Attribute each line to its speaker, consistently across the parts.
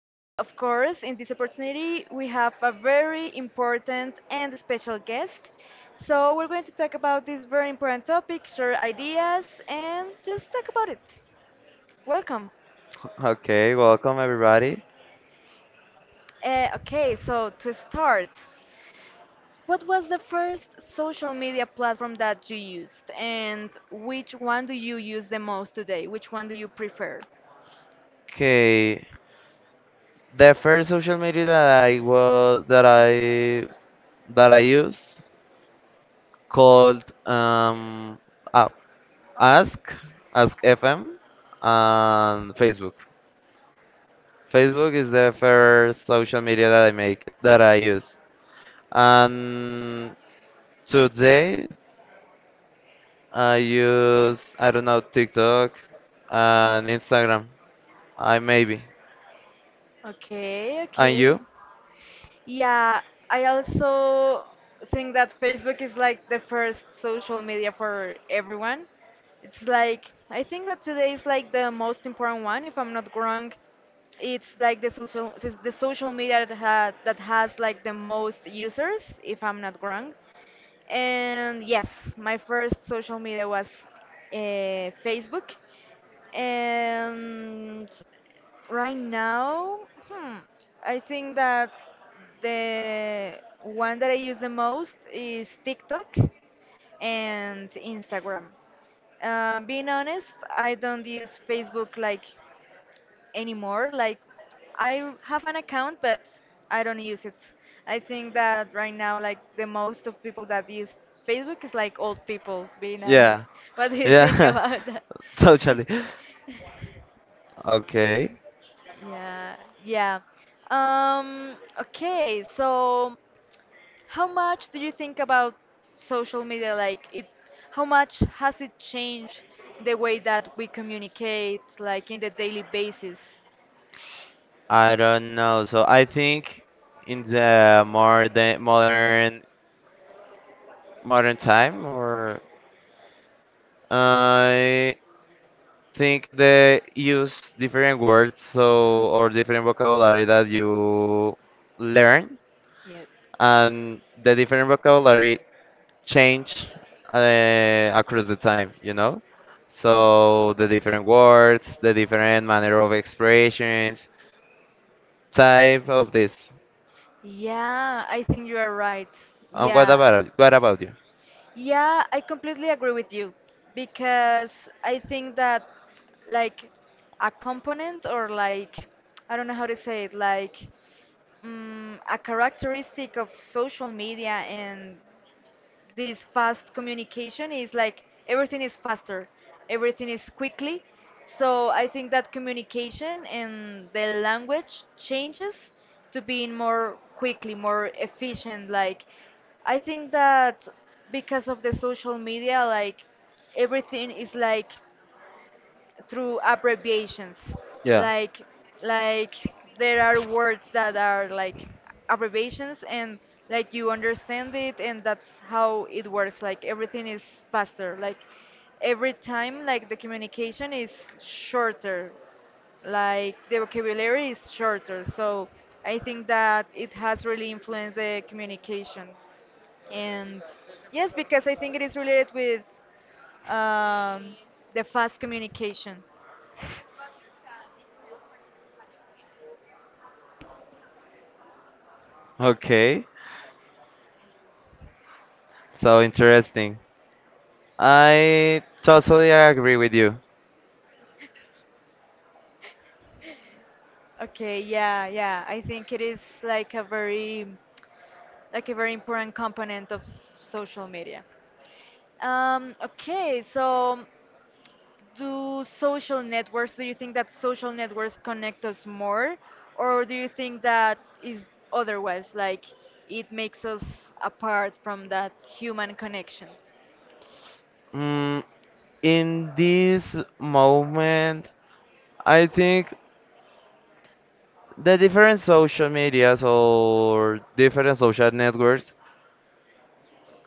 Speaker 1: And of course, in this opportunity, we have a very important and special guest. So, we're going to talk about this very important topic, share ideas, and just talk about it. Welcome.
Speaker 2: Okay, welcome everybody.
Speaker 1: Okay, so to start. What was the first social media platform that you used, and which one do you use the most today? Which one do you prefer?
Speaker 2: Okay, the first social media that I was that I used called uh, Ask Ask FM and Facebook. Facebook is the first social media that I make it that I use. And today I use, I don't know, TikTok and Instagram. I maybe.
Speaker 1: Okay,
Speaker 2: And
Speaker 1: okay.
Speaker 2: you?
Speaker 1: Yeah, I also think that Facebook is like the first social media for everyone. It's like, I think that today is like the most important one, if I'm not wrong. It's like the social media that has like the most users, if I'm not wrong. And yes, my first social media was uh, Facebook. And right now, hmm, I think that the one that I use the most is TikTok and Instagram. Being honest, I don't use Facebook like anymore. Like, I have an account, but I don't use it. I think that right now, like, the most of people that use Facebook is like old people, being honest.
Speaker 2: Yeah.
Speaker 1: What do
Speaker 2: What?
Speaker 1: you think
Speaker 2: Yeah.
Speaker 1: about that?
Speaker 2: Totally. Okay.
Speaker 1: Yeah, yeah. Okay, so how much do you think about social media? How much has it changed the way that we communicate, like in the daily basis?
Speaker 2: I don't know. So I think in the more the modern time, or I think they use different words so or different vocabulary that you learn,
Speaker 1: Yes.
Speaker 2: and the different vocabulary change across the time, you know? So the different words, the different manner of expressions, type of this.
Speaker 1: Yeah, I think you are right.
Speaker 2: And what
Speaker 1: Yeah.
Speaker 2: about what about you?
Speaker 1: Yeah, I completely agree with you because I think that like a component, or like I don't know how to say it, like a characteristic of social media and this fast communication is like everything is faster, everything is quickly. So I think that communication and the language changes to being more quickly, more efficient. Like I think that because of the social media, like everything is like through abbreviations,
Speaker 2: Yeah.
Speaker 1: like like there are words that are like abbreviations, and like you understand it, and that's how it works, like everything is faster, like every time like the communication is shorter, like the vocabulary is shorter. So I think that it has really influenced the communication, and yes, because I think it is related with um, the fast communication.
Speaker 2: Okay. So interesting. I totally agree with you.
Speaker 1: Okay, yeah, yeah. I think it is like a very important component of social media. Okay, so do you think that social networks connect us more, or do you think that is otherwise, like it makes us apart from that human connection?
Speaker 2: Mm, in this moment, I think the different social medias or different social networks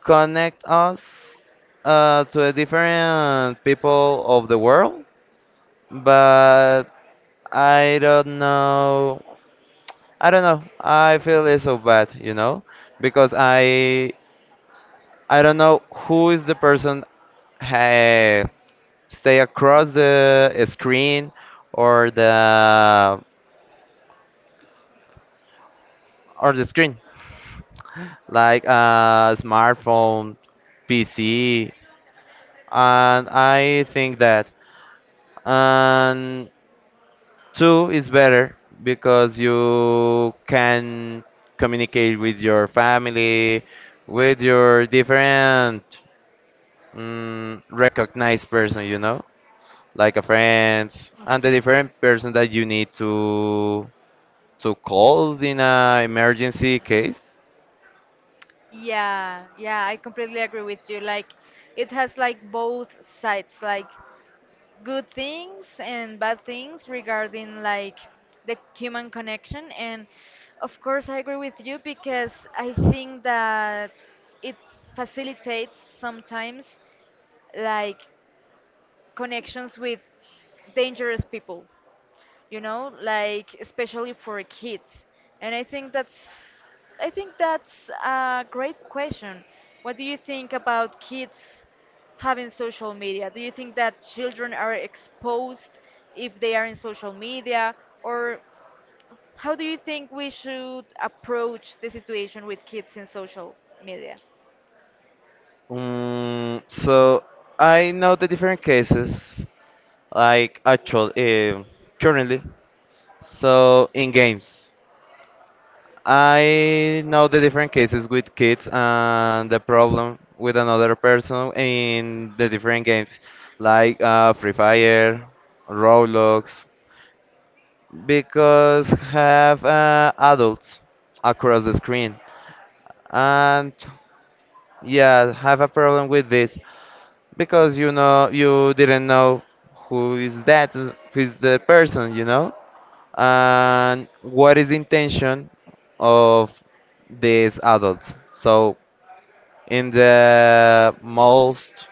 Speaker 2: connect us to the different people of the world, but I don't know. I don't know. I feel it's so bad, you know, because I don't know who is the person uh, stay across the screen or the or the screen like a smartphone, PC, and I think that, and two is better because you can communicate with your family, with your different, mm, recognized person, you know. Like a friends and the different person that you need to call in an emergency case.
Speaker 1: Yeah, yeah, I completely agree with you. Like, it has like both sides, like good things and bad things regarding like the human connection. And of course, I agree with you because I think that it facilitates sometimes like connections with dangerous people, like especially for kids. And I think that's a great question. What do you think about kids having social media? Do you think that children are exposed if they are in social media, or how do you think we should approach the situation with kids in social media?
Speaker 2: So I know the different cases like actual currently. So in games, I know the different cases with kids and the problem with another person in the different games, like Free Fire, Roblox. Because have adults across the screen, and yeah, have a problem with this, because you know, you didn't know who is that, who is the person, you know, and what is the intention of this adult. So in the most,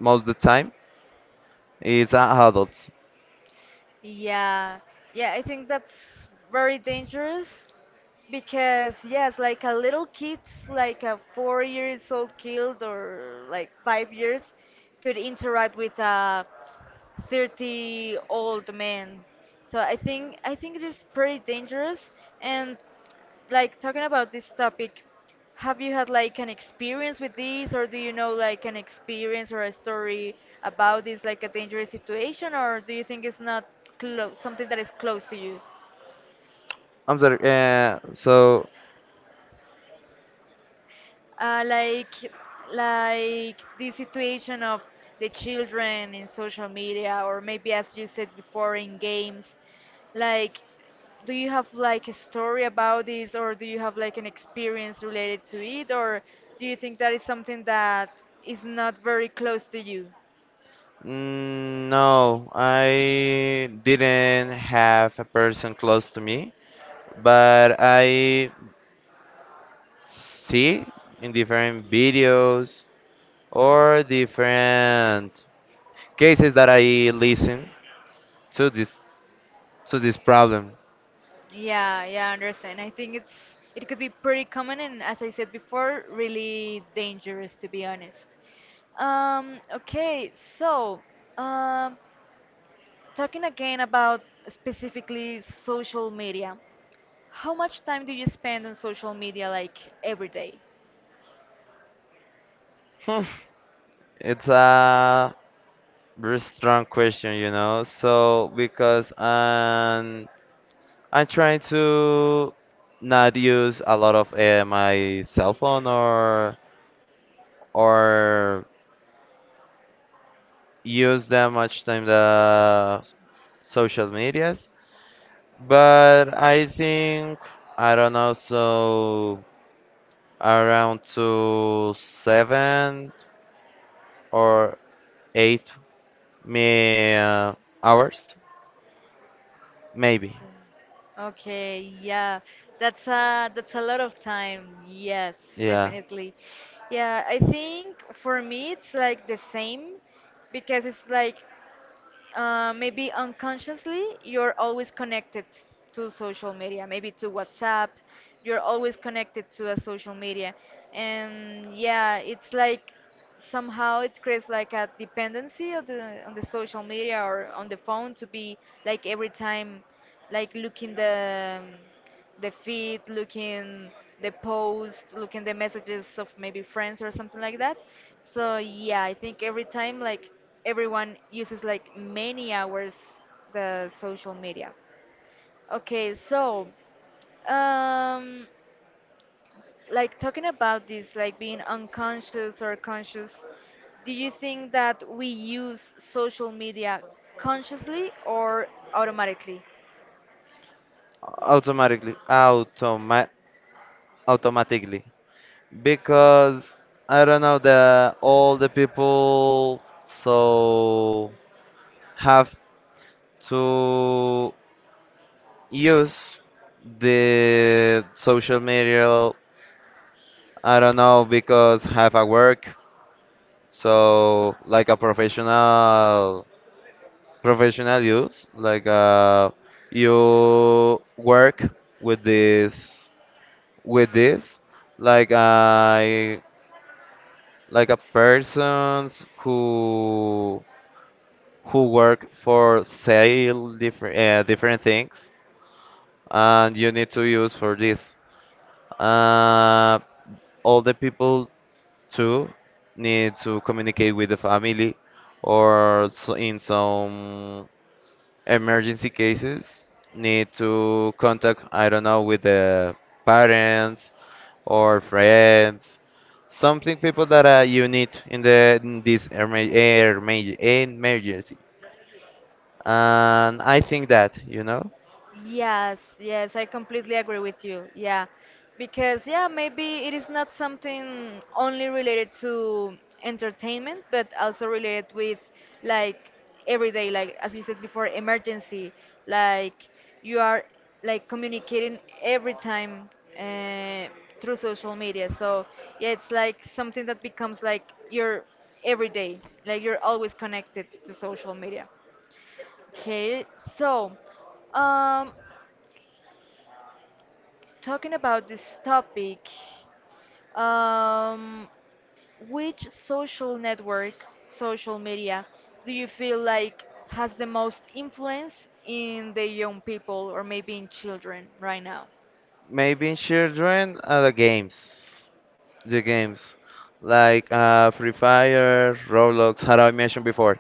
Speaker 2: most the time, it's adults.
Speaker 1: Yeah, yeah, I think that's very dangerous because yes, like a little kids, like a 4 years old kid or like 5 years, could interact with a 30 old men. So I think it is pretty dangerous. And like talking about this topic, have you had like an experience with this, or do you know like an experience or a story about this, like a dangerous situation, or do you think it's not close, something that is close to you?
Speaker 2: I'm sorry, so.
Speaker 1: uh, like like the situation of the children in social media, or maybe as you said before, in games, like do you have like a story about this, or do you have like an experience related to it, or do you think that is something that is not very close to you?
Speaker 2: Mm, no, I didn't have a person close to me, but I see in different videos or different cases that I listen to this, to this problem.
Speaker 1: Yeah, yeah, I understand. I think it could be pretty common, and as I said before, really dangerous, to be honest. Okay, so um talking again about specifically social media, how much time do you spend on social media like every day?
Speaker 2: Hmm, it's a very strong question, you know. So because I'm trying to not use a lot of my cell phone, or use that much time the social medias. But I think, I don't know, so around to seven or eight, me hours maybe.
Speaker 1: Okay, yeah, that's a lot of time. Yes,
Speaker 2: Yeah.
Speaker 1: definitely. Yeah, I think for me it's like the same, because it's like maybe unconsciously you're always connected to social media, maybe to WhatsApp. You're always connected to a social media, and yeah it's like somehow it creates like a dependency on the social media or on the phone, to be like every time like looking the feed, looking the post, looking the messages of maybe friends or something like that. So yeah, I think every time like everyone uses like many hours the social media. Okay, so um like talking about this like being unconscious or conscious, do you think that we use social media consciously or automatically?
Speaker 2: Automatically, automatically, because I don't know, the all the people so have to use the social media. I don't know, because have a work, so like a professional use, like you work with this, with this, like I, like a persons who work for sale different different things, and you need to use for this uh all the people. Two, need to communicate with the family, or so in some emergency cases, need to contact, I don't know, with the parents or friends. Something people that you need in the in this emergency. And I think that, you know.
Speaker 1: Yes, yes, I completely agree with you. Yeah, because yeah, maybe it is not something only related to entertainment, but also related with like everyday, like as you said before, emergency. Like you are like communicating every time uh, through social media. So yeah, it's like something that becomes like your everyday. Like you're always connected to social media. Okay, so um, talking about this topic, um, which social network, social media, do you feel like has the most influence in the young people or maybe in children right now?
Speaker 2: Maybe children are the games. The games. Like Free Fire, Roblox, how I mentioned before.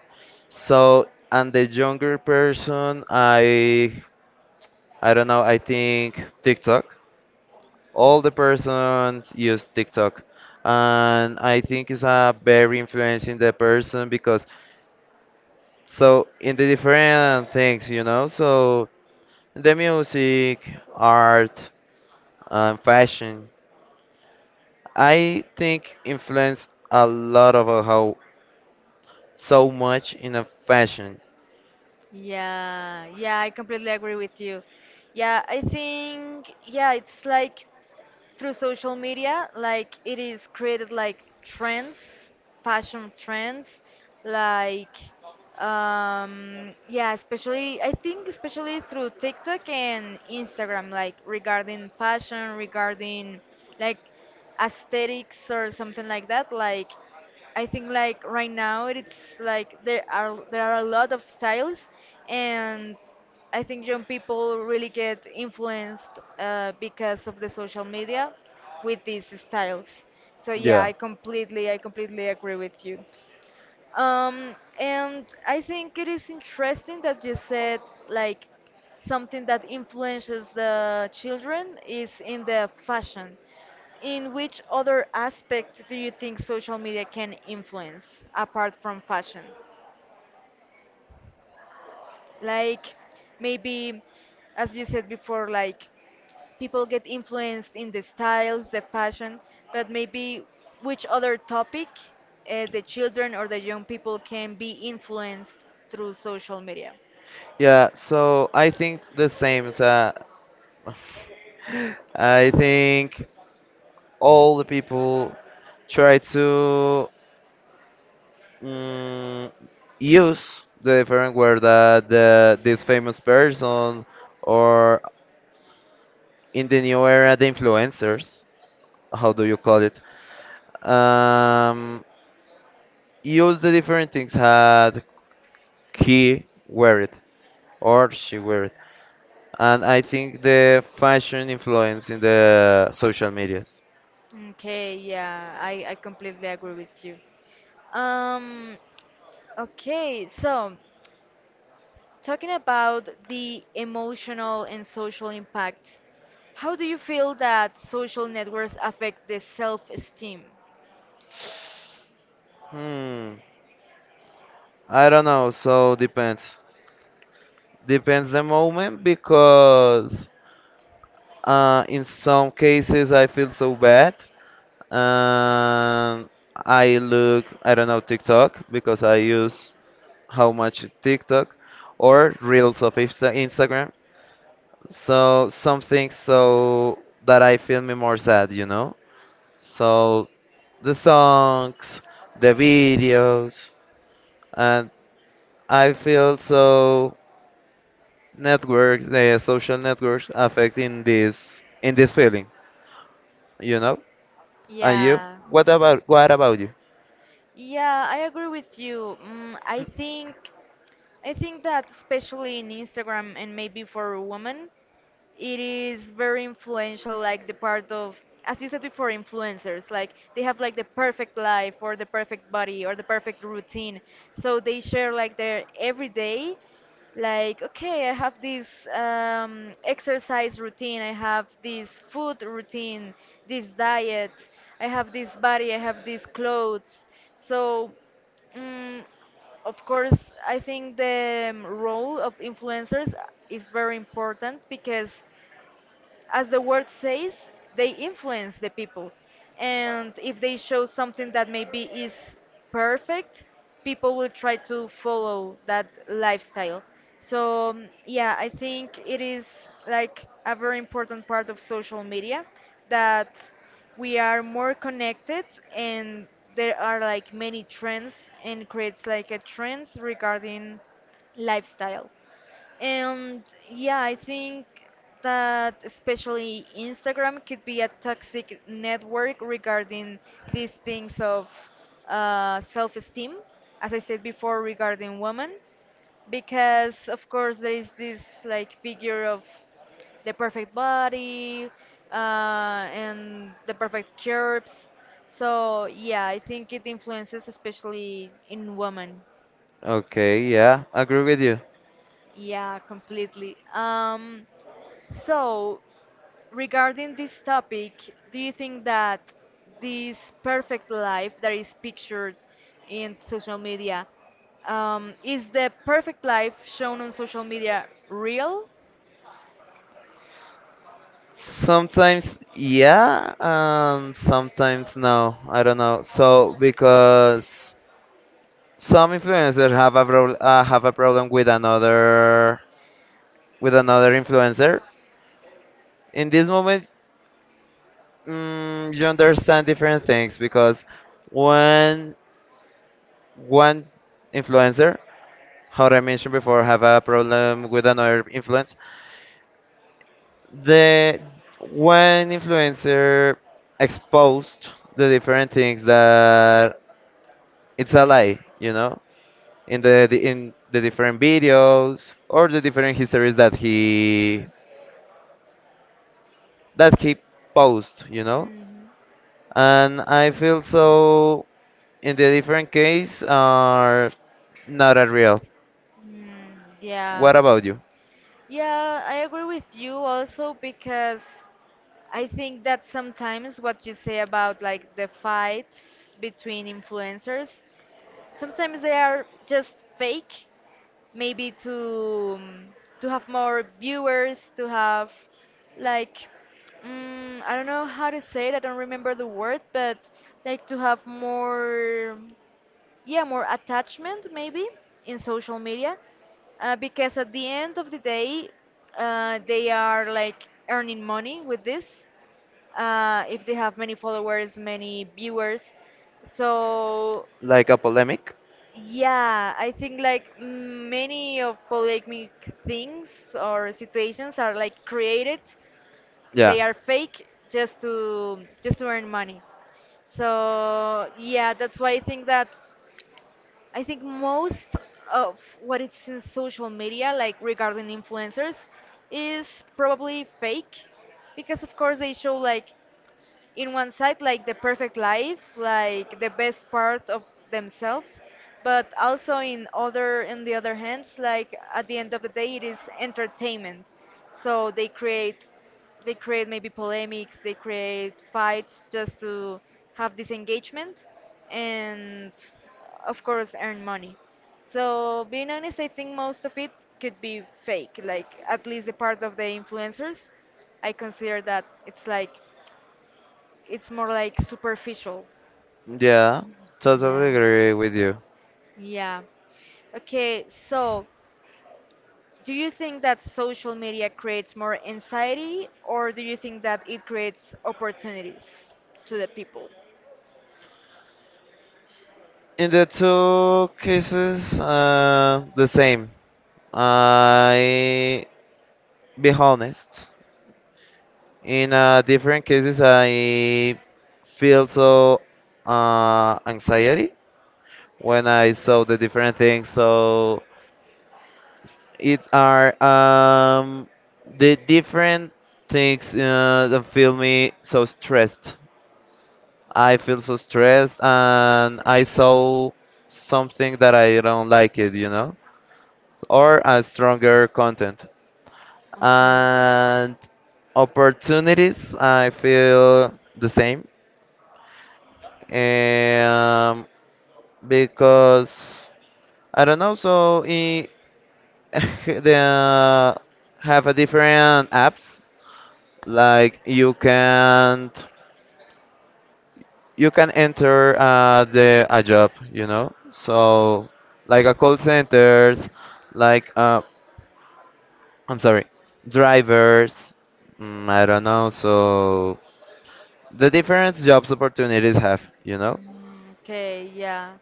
Speaker 2: So, and the younger person, I don't know, I think TikTok. All the persons use TikTok. And I think it's a very influencing the person, because so in the different things, you know, so the music, art, and fashion. I think influence a lot of how so much in a fashion.
Speaker 1: Yeah, yeah, I completely agree with you. Yeah, I think, yeah, it's like through social media like it is created like trends, fashion trends, like yeah especially I think especially through TikTok and Instagram, like regarding fashion, regarding like aesthetics or something like that. Like I think like right now it's like there are a lot of styles, and I think young people really get influenced because of the social media with these styles. So yeah,
Speaker 2: Yeah.
Speaker 1: I completely agree with you. And I think it is interesting that you said like something that influences the children is in the fashion. In which other aspect do you think social media can influence apart from fashion? Like maybe as you said before, like people get influenced in the styles, the fashion, but maybe which other topic the children or the young people can be influenced through social media?
Speaker 2: Yeah, so I think the same. So I think all the people try to, mm, use the different word that the, this famous person, or in the new era the influencers, how do you call it, um, use the different things, had he wear it or she wear it, and I think the fashion influence in the social medias.
Speaker 1: Okay, yeah, I completely agree with you. um okay, so talking about the emotional and social impact, how do you feel that social networks affect the self esteem?
Speaker 2: Hmm. I don't know, so depends. Depends the moment, because in some cases I feel so bad, and I look, I don't know, TikTok, because I use how much TikTok or reels of Instagram. So something so that I feel me more sad, you know? So the songs, the videos, and I feel so networks, the social networks affecting this, in this feeling, you know? And you?
Speaker 1: Yeah,
Speaker 2: What about you?
Speaker 1: yeah, I agree with you. I think that especially in Instagram and maybe for women, it is very influential, like the part of, as you said before, influencers, like they have like the perfect life or the perfect body or the perfect routine, so they share like their everyday, like okay I have this exercise routine, I have this food routine, this diet, I have this body, I have these clothes, so mm of course, I think the role of influencers is very important because, as the word says, they influence the people. And if they show something that maybe is perfect, people will try to follow that lifestyle. So, yeah, I think it is like a very important part of social media, that we are more connected and there are like many trends, and creates like a trends regarding lifestyle. And yeah, I think that especially Instagram could be a toxic network regarding these things of self esteem, as I said before, regarding women. Because, of course, there is this like figure of the perfect body uh, and the perfect curves. So, yeah, I think it influences, especially in women.
Speaker 2: Okay, yeah, agree with you.
Speaker 1: Yeah, completely. So, regarding this topic, do you think that this perfect life that is pictured in social media, is the perfect life shown on social media real?
Speaker 2: Sometimes yeah, and sometimes no. I don't know. So because some influencers have a have a problem with another, with another influencer. In this moment, mm, you understand different things, because when one influencer, how I mentioned before, have a problem with another influence. The one influencer exposed the different things that it's a lie, you know, in the in the different videos or the different histories that he posts, you know.
Speaker 1: Hmm.
Speaker 2: And I feel so in the different case are not a real.
Speaker 1: Mm, yeah.
Speaker 2: What about you?
Speaker 1: Yeah, I agree with you also because I think that sometimes what you say about like the fights between influencers, sometimes they are just fake, maybe to have more viewers, to have like I don't know how to say it, I don't remember the word, but like to have more yeah more attachment maybe in social media, because at the end of the day they are like earning money with this. If they have many followers, many viewers, so
Speaker 2: Like a polemic?
Speaker 1: yeah, I think like many of polemic things or situations are like created,
Speaker 2: Yeah.
Speaker 1: they are fake just to earn money. So yeah, that's why I think that I think most of what it's in social media, like regarding influencers, is probably fake because, of course, they show like in one side like the perfect life, like the best part of themselves, but also in other in the other hands, like at the end of the day it is entertainment, so they create, they create maybe polemics, they create fights just to have this engagement and of course earn money. So being honest, I think most of it could be fake, like at least the part of the influencers I consider that it's like it's more like superficial.
Speaker 2: Yeah, totally
Speaker 1: Yeah.
Speaker 2: agree with you.
Speaker 1: Yeah. Okay, so do you think that social media creates more anxiety or do you think that it creates opportunities to the people?
Speaker 2: In the two cases, the same. I be honest. In different cases, I feel so anxiety when I saw the different things. So it are, the different things that feel me so stressed. I feel so stressed and I saw something that I don't like it, you know, or a stronger content.
Speaker 1: Okay.
Speaker 2: And opportunities, I feel the same. Um, because I don't know, so they, have a different apps, like you can. You can enter the a job, you know. So like a call centers, like I'm sorry, drivers. Mm, I don't know. So the different jobs opportunities have, you know.
Speaker 1: Mm, okay, yeah.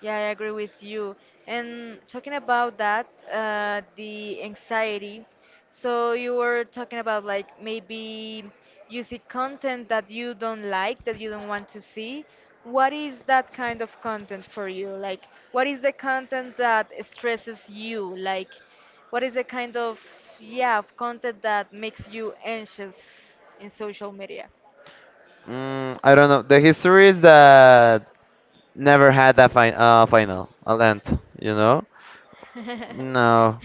Speaker 1: Yeah, I agree with you. And talking about that, the anxiety. So you were talking about like maybe you see content that you don't like, that you don't want to see. What is that kind of content for you? Like, what is the content that stresses you? Like, what is the kind of, yeah, of content that makes you anxious in social media?
Speaker 2: Mm, I don't know. The history is that never had a final, a land, you know. No,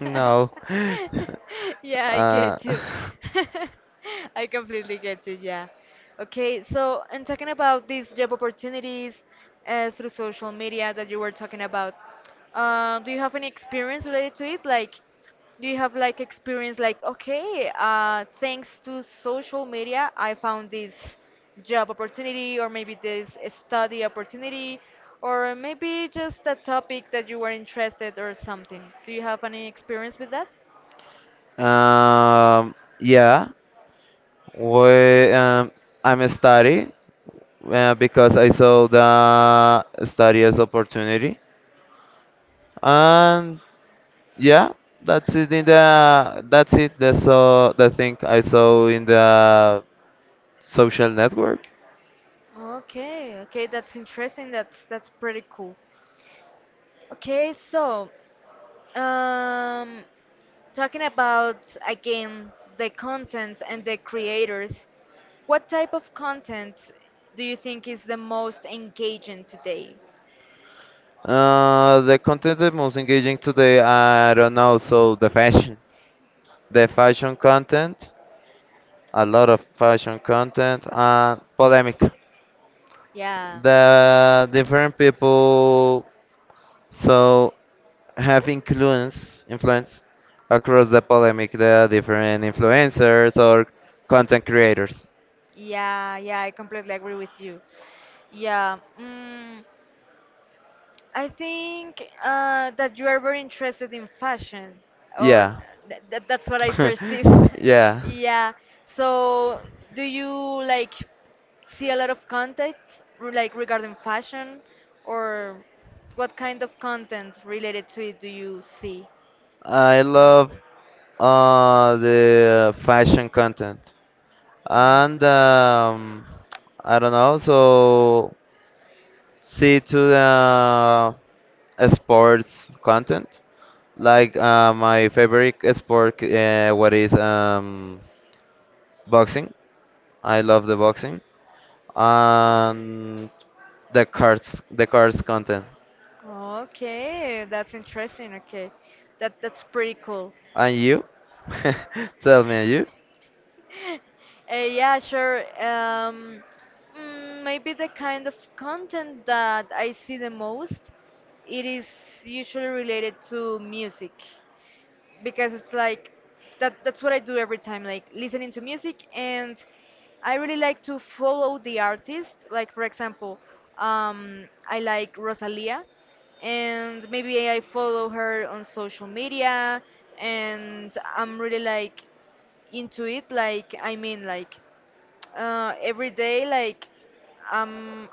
Speaker 2: no.
Speaker 1: Yeah, I
Speaker 2: uh,
Speaker 1: get you. I completely get you, yeah. Okay, so, and talking about these job opportunities through social media that you were talking about, do you have any experience related to it? Like, do you have like experience like okay, thanks to social media, I found this job opportunity or maybe this study opportunity or maybe just a topic that you were interested or something. Do you have any experience with that?
Speaker 2: um, yeah. We, I'm study because I saw the study as opportunity, and yeah, that's it. In the that's it. The so the thing I saw in the social network.
Speaker 1: Okay, okay, that's interesting. That's pretty cool. Okay, so Um, talking about again the content and the creators, what type of content do you think is the most engaging today?
Speaker 2: The content is most engaging today. I don't know. So the fashion content, a lot of fashion content, and polemic. The different people. So have influence across the polemic, the different influencers or content creators.
Speaker 1: Yeah, yeah, I completely agree with you. Yeah. I think that you are very interested in fashion, or
Speaker 2: Yeah.
Speaker 1: th th that's what I perceive.
Speaker 2: Yeah.
Speaker 1: Yeah. So, do you like see a lot of content like regarding fashion, or what kind of content related to it do you see?
Speaker 2: I love the fashion content.
Speaker 1: Yeah.
Speaker 2: And I don't know, so see to the sports content. Like my favorite sport, what is boxing. I love the boxing and the cards content.
Speaker 1: Okay, that's interesting. Okay, that's pretty cool.
Speaker 2: And you? Tell me, and
Speaker 1: Yeah, sure. Maybe the kind of content that I see the most, it is usually related to music because it's like that's what I do every time, like listening to music and I really like to follow the artist. Like for example, I like Rosalia and maybe I follow her on social media and I'm really like into it, like I mean like every day like I'm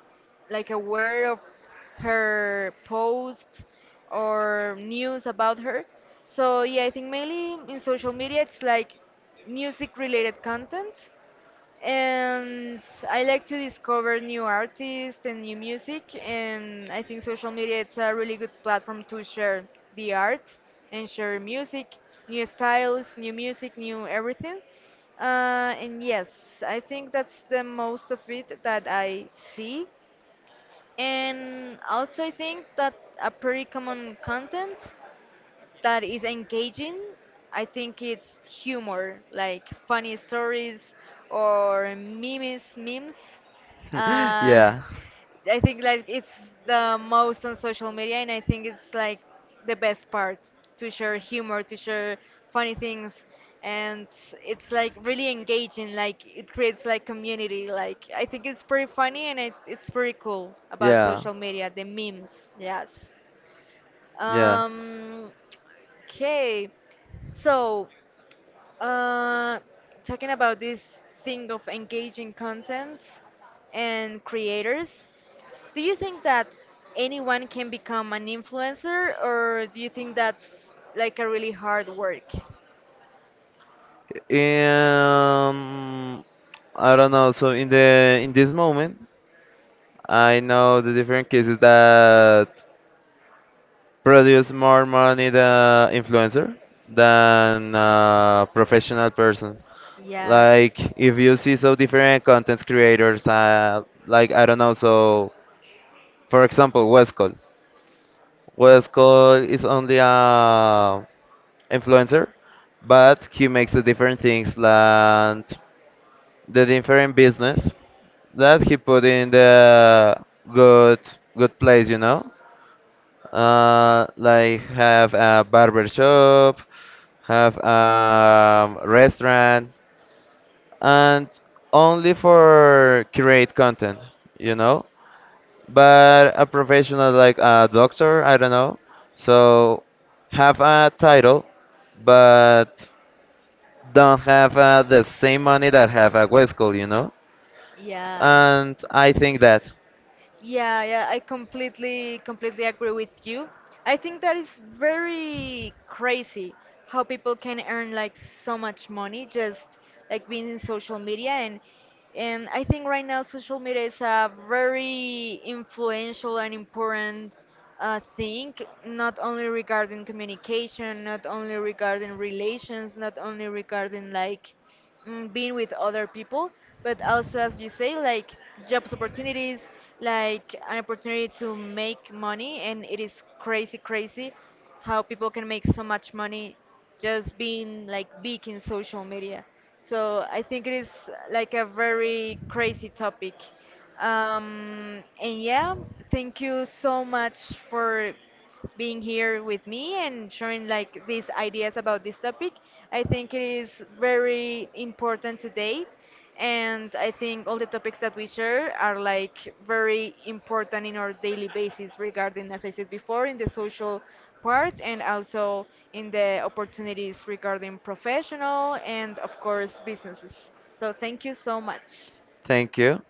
Speaker 1: like aware of her posts or news about her. So yeah, I think mainly in social media it's like music related content, and I like to discover new artists and new music. And I think social media it's a really good platform to share the art and share music, new styles, new music, new everything. And yes, I think that's the most of it that I see. And also, I think that a pretty common content that is engaging. I think it's humor, like funny stories or memes,
Speaker 2: you?
Speaker 1: memes. Uh,
Speaker 2: Yeah,
Speaker 1: I think like it's the most on social media, and I think it's like the best part to share humor, to share funny things, and it's like really engaging. Like it creates like community. Like I think it's pretty funny and it's pretty cool about
Speaker 2: yeah,
Speaker 1: social media, the memes. Yes.
Speaker 2: yeah.
Speaker 1: Um, okay, so uh, talking about this thing of engaging content and creators, do you think that anyone can become an influencer, or do you think that's like a really hard work?
Speaker 2: Um, I don't know. So in the in this moment, I know the different cases that produce more money the influencer than a professional person.
Speaker 1: Yes.
Speaker 2: Like if you see so different content creators, like I don't know. So for example, Westcall. Westcall is only a influencer, but he makes the different things and the different business that he put in the good good place, you know. Like have a barber shop, have a restaurant, and only for create content, you know. But a professional like a doctor, I don't know. So have a title, but don't have the same money that have a West School, you know?
Speaker 1: Yeah.
Speaker 2: And I think that.
Speaker 1: Yeah, yeah, I completely agree with you. I think that is very crazy how people can earn like so much money just like being in social media, and I think right now social media is a very influential and important thing, not only regarding communication, not only regarding relations, not only regarding like being with other people, but also as you say, like jobs opportunities, like an opportunity to make money, and it is crazy, crazy how people can make so much money just being like big in social media. So I think it is like a very crazy topic. And yeah, thank you so much for being here with me and sharing like these ideas about this topic. I think it is very important today. And I think all the topics that we share are like very important in our daily basis regarding, as I said before, in the social part and also in the opportunities regarding professional and, of course, businesses. So thank you so much.
Speaker 2: Thank you.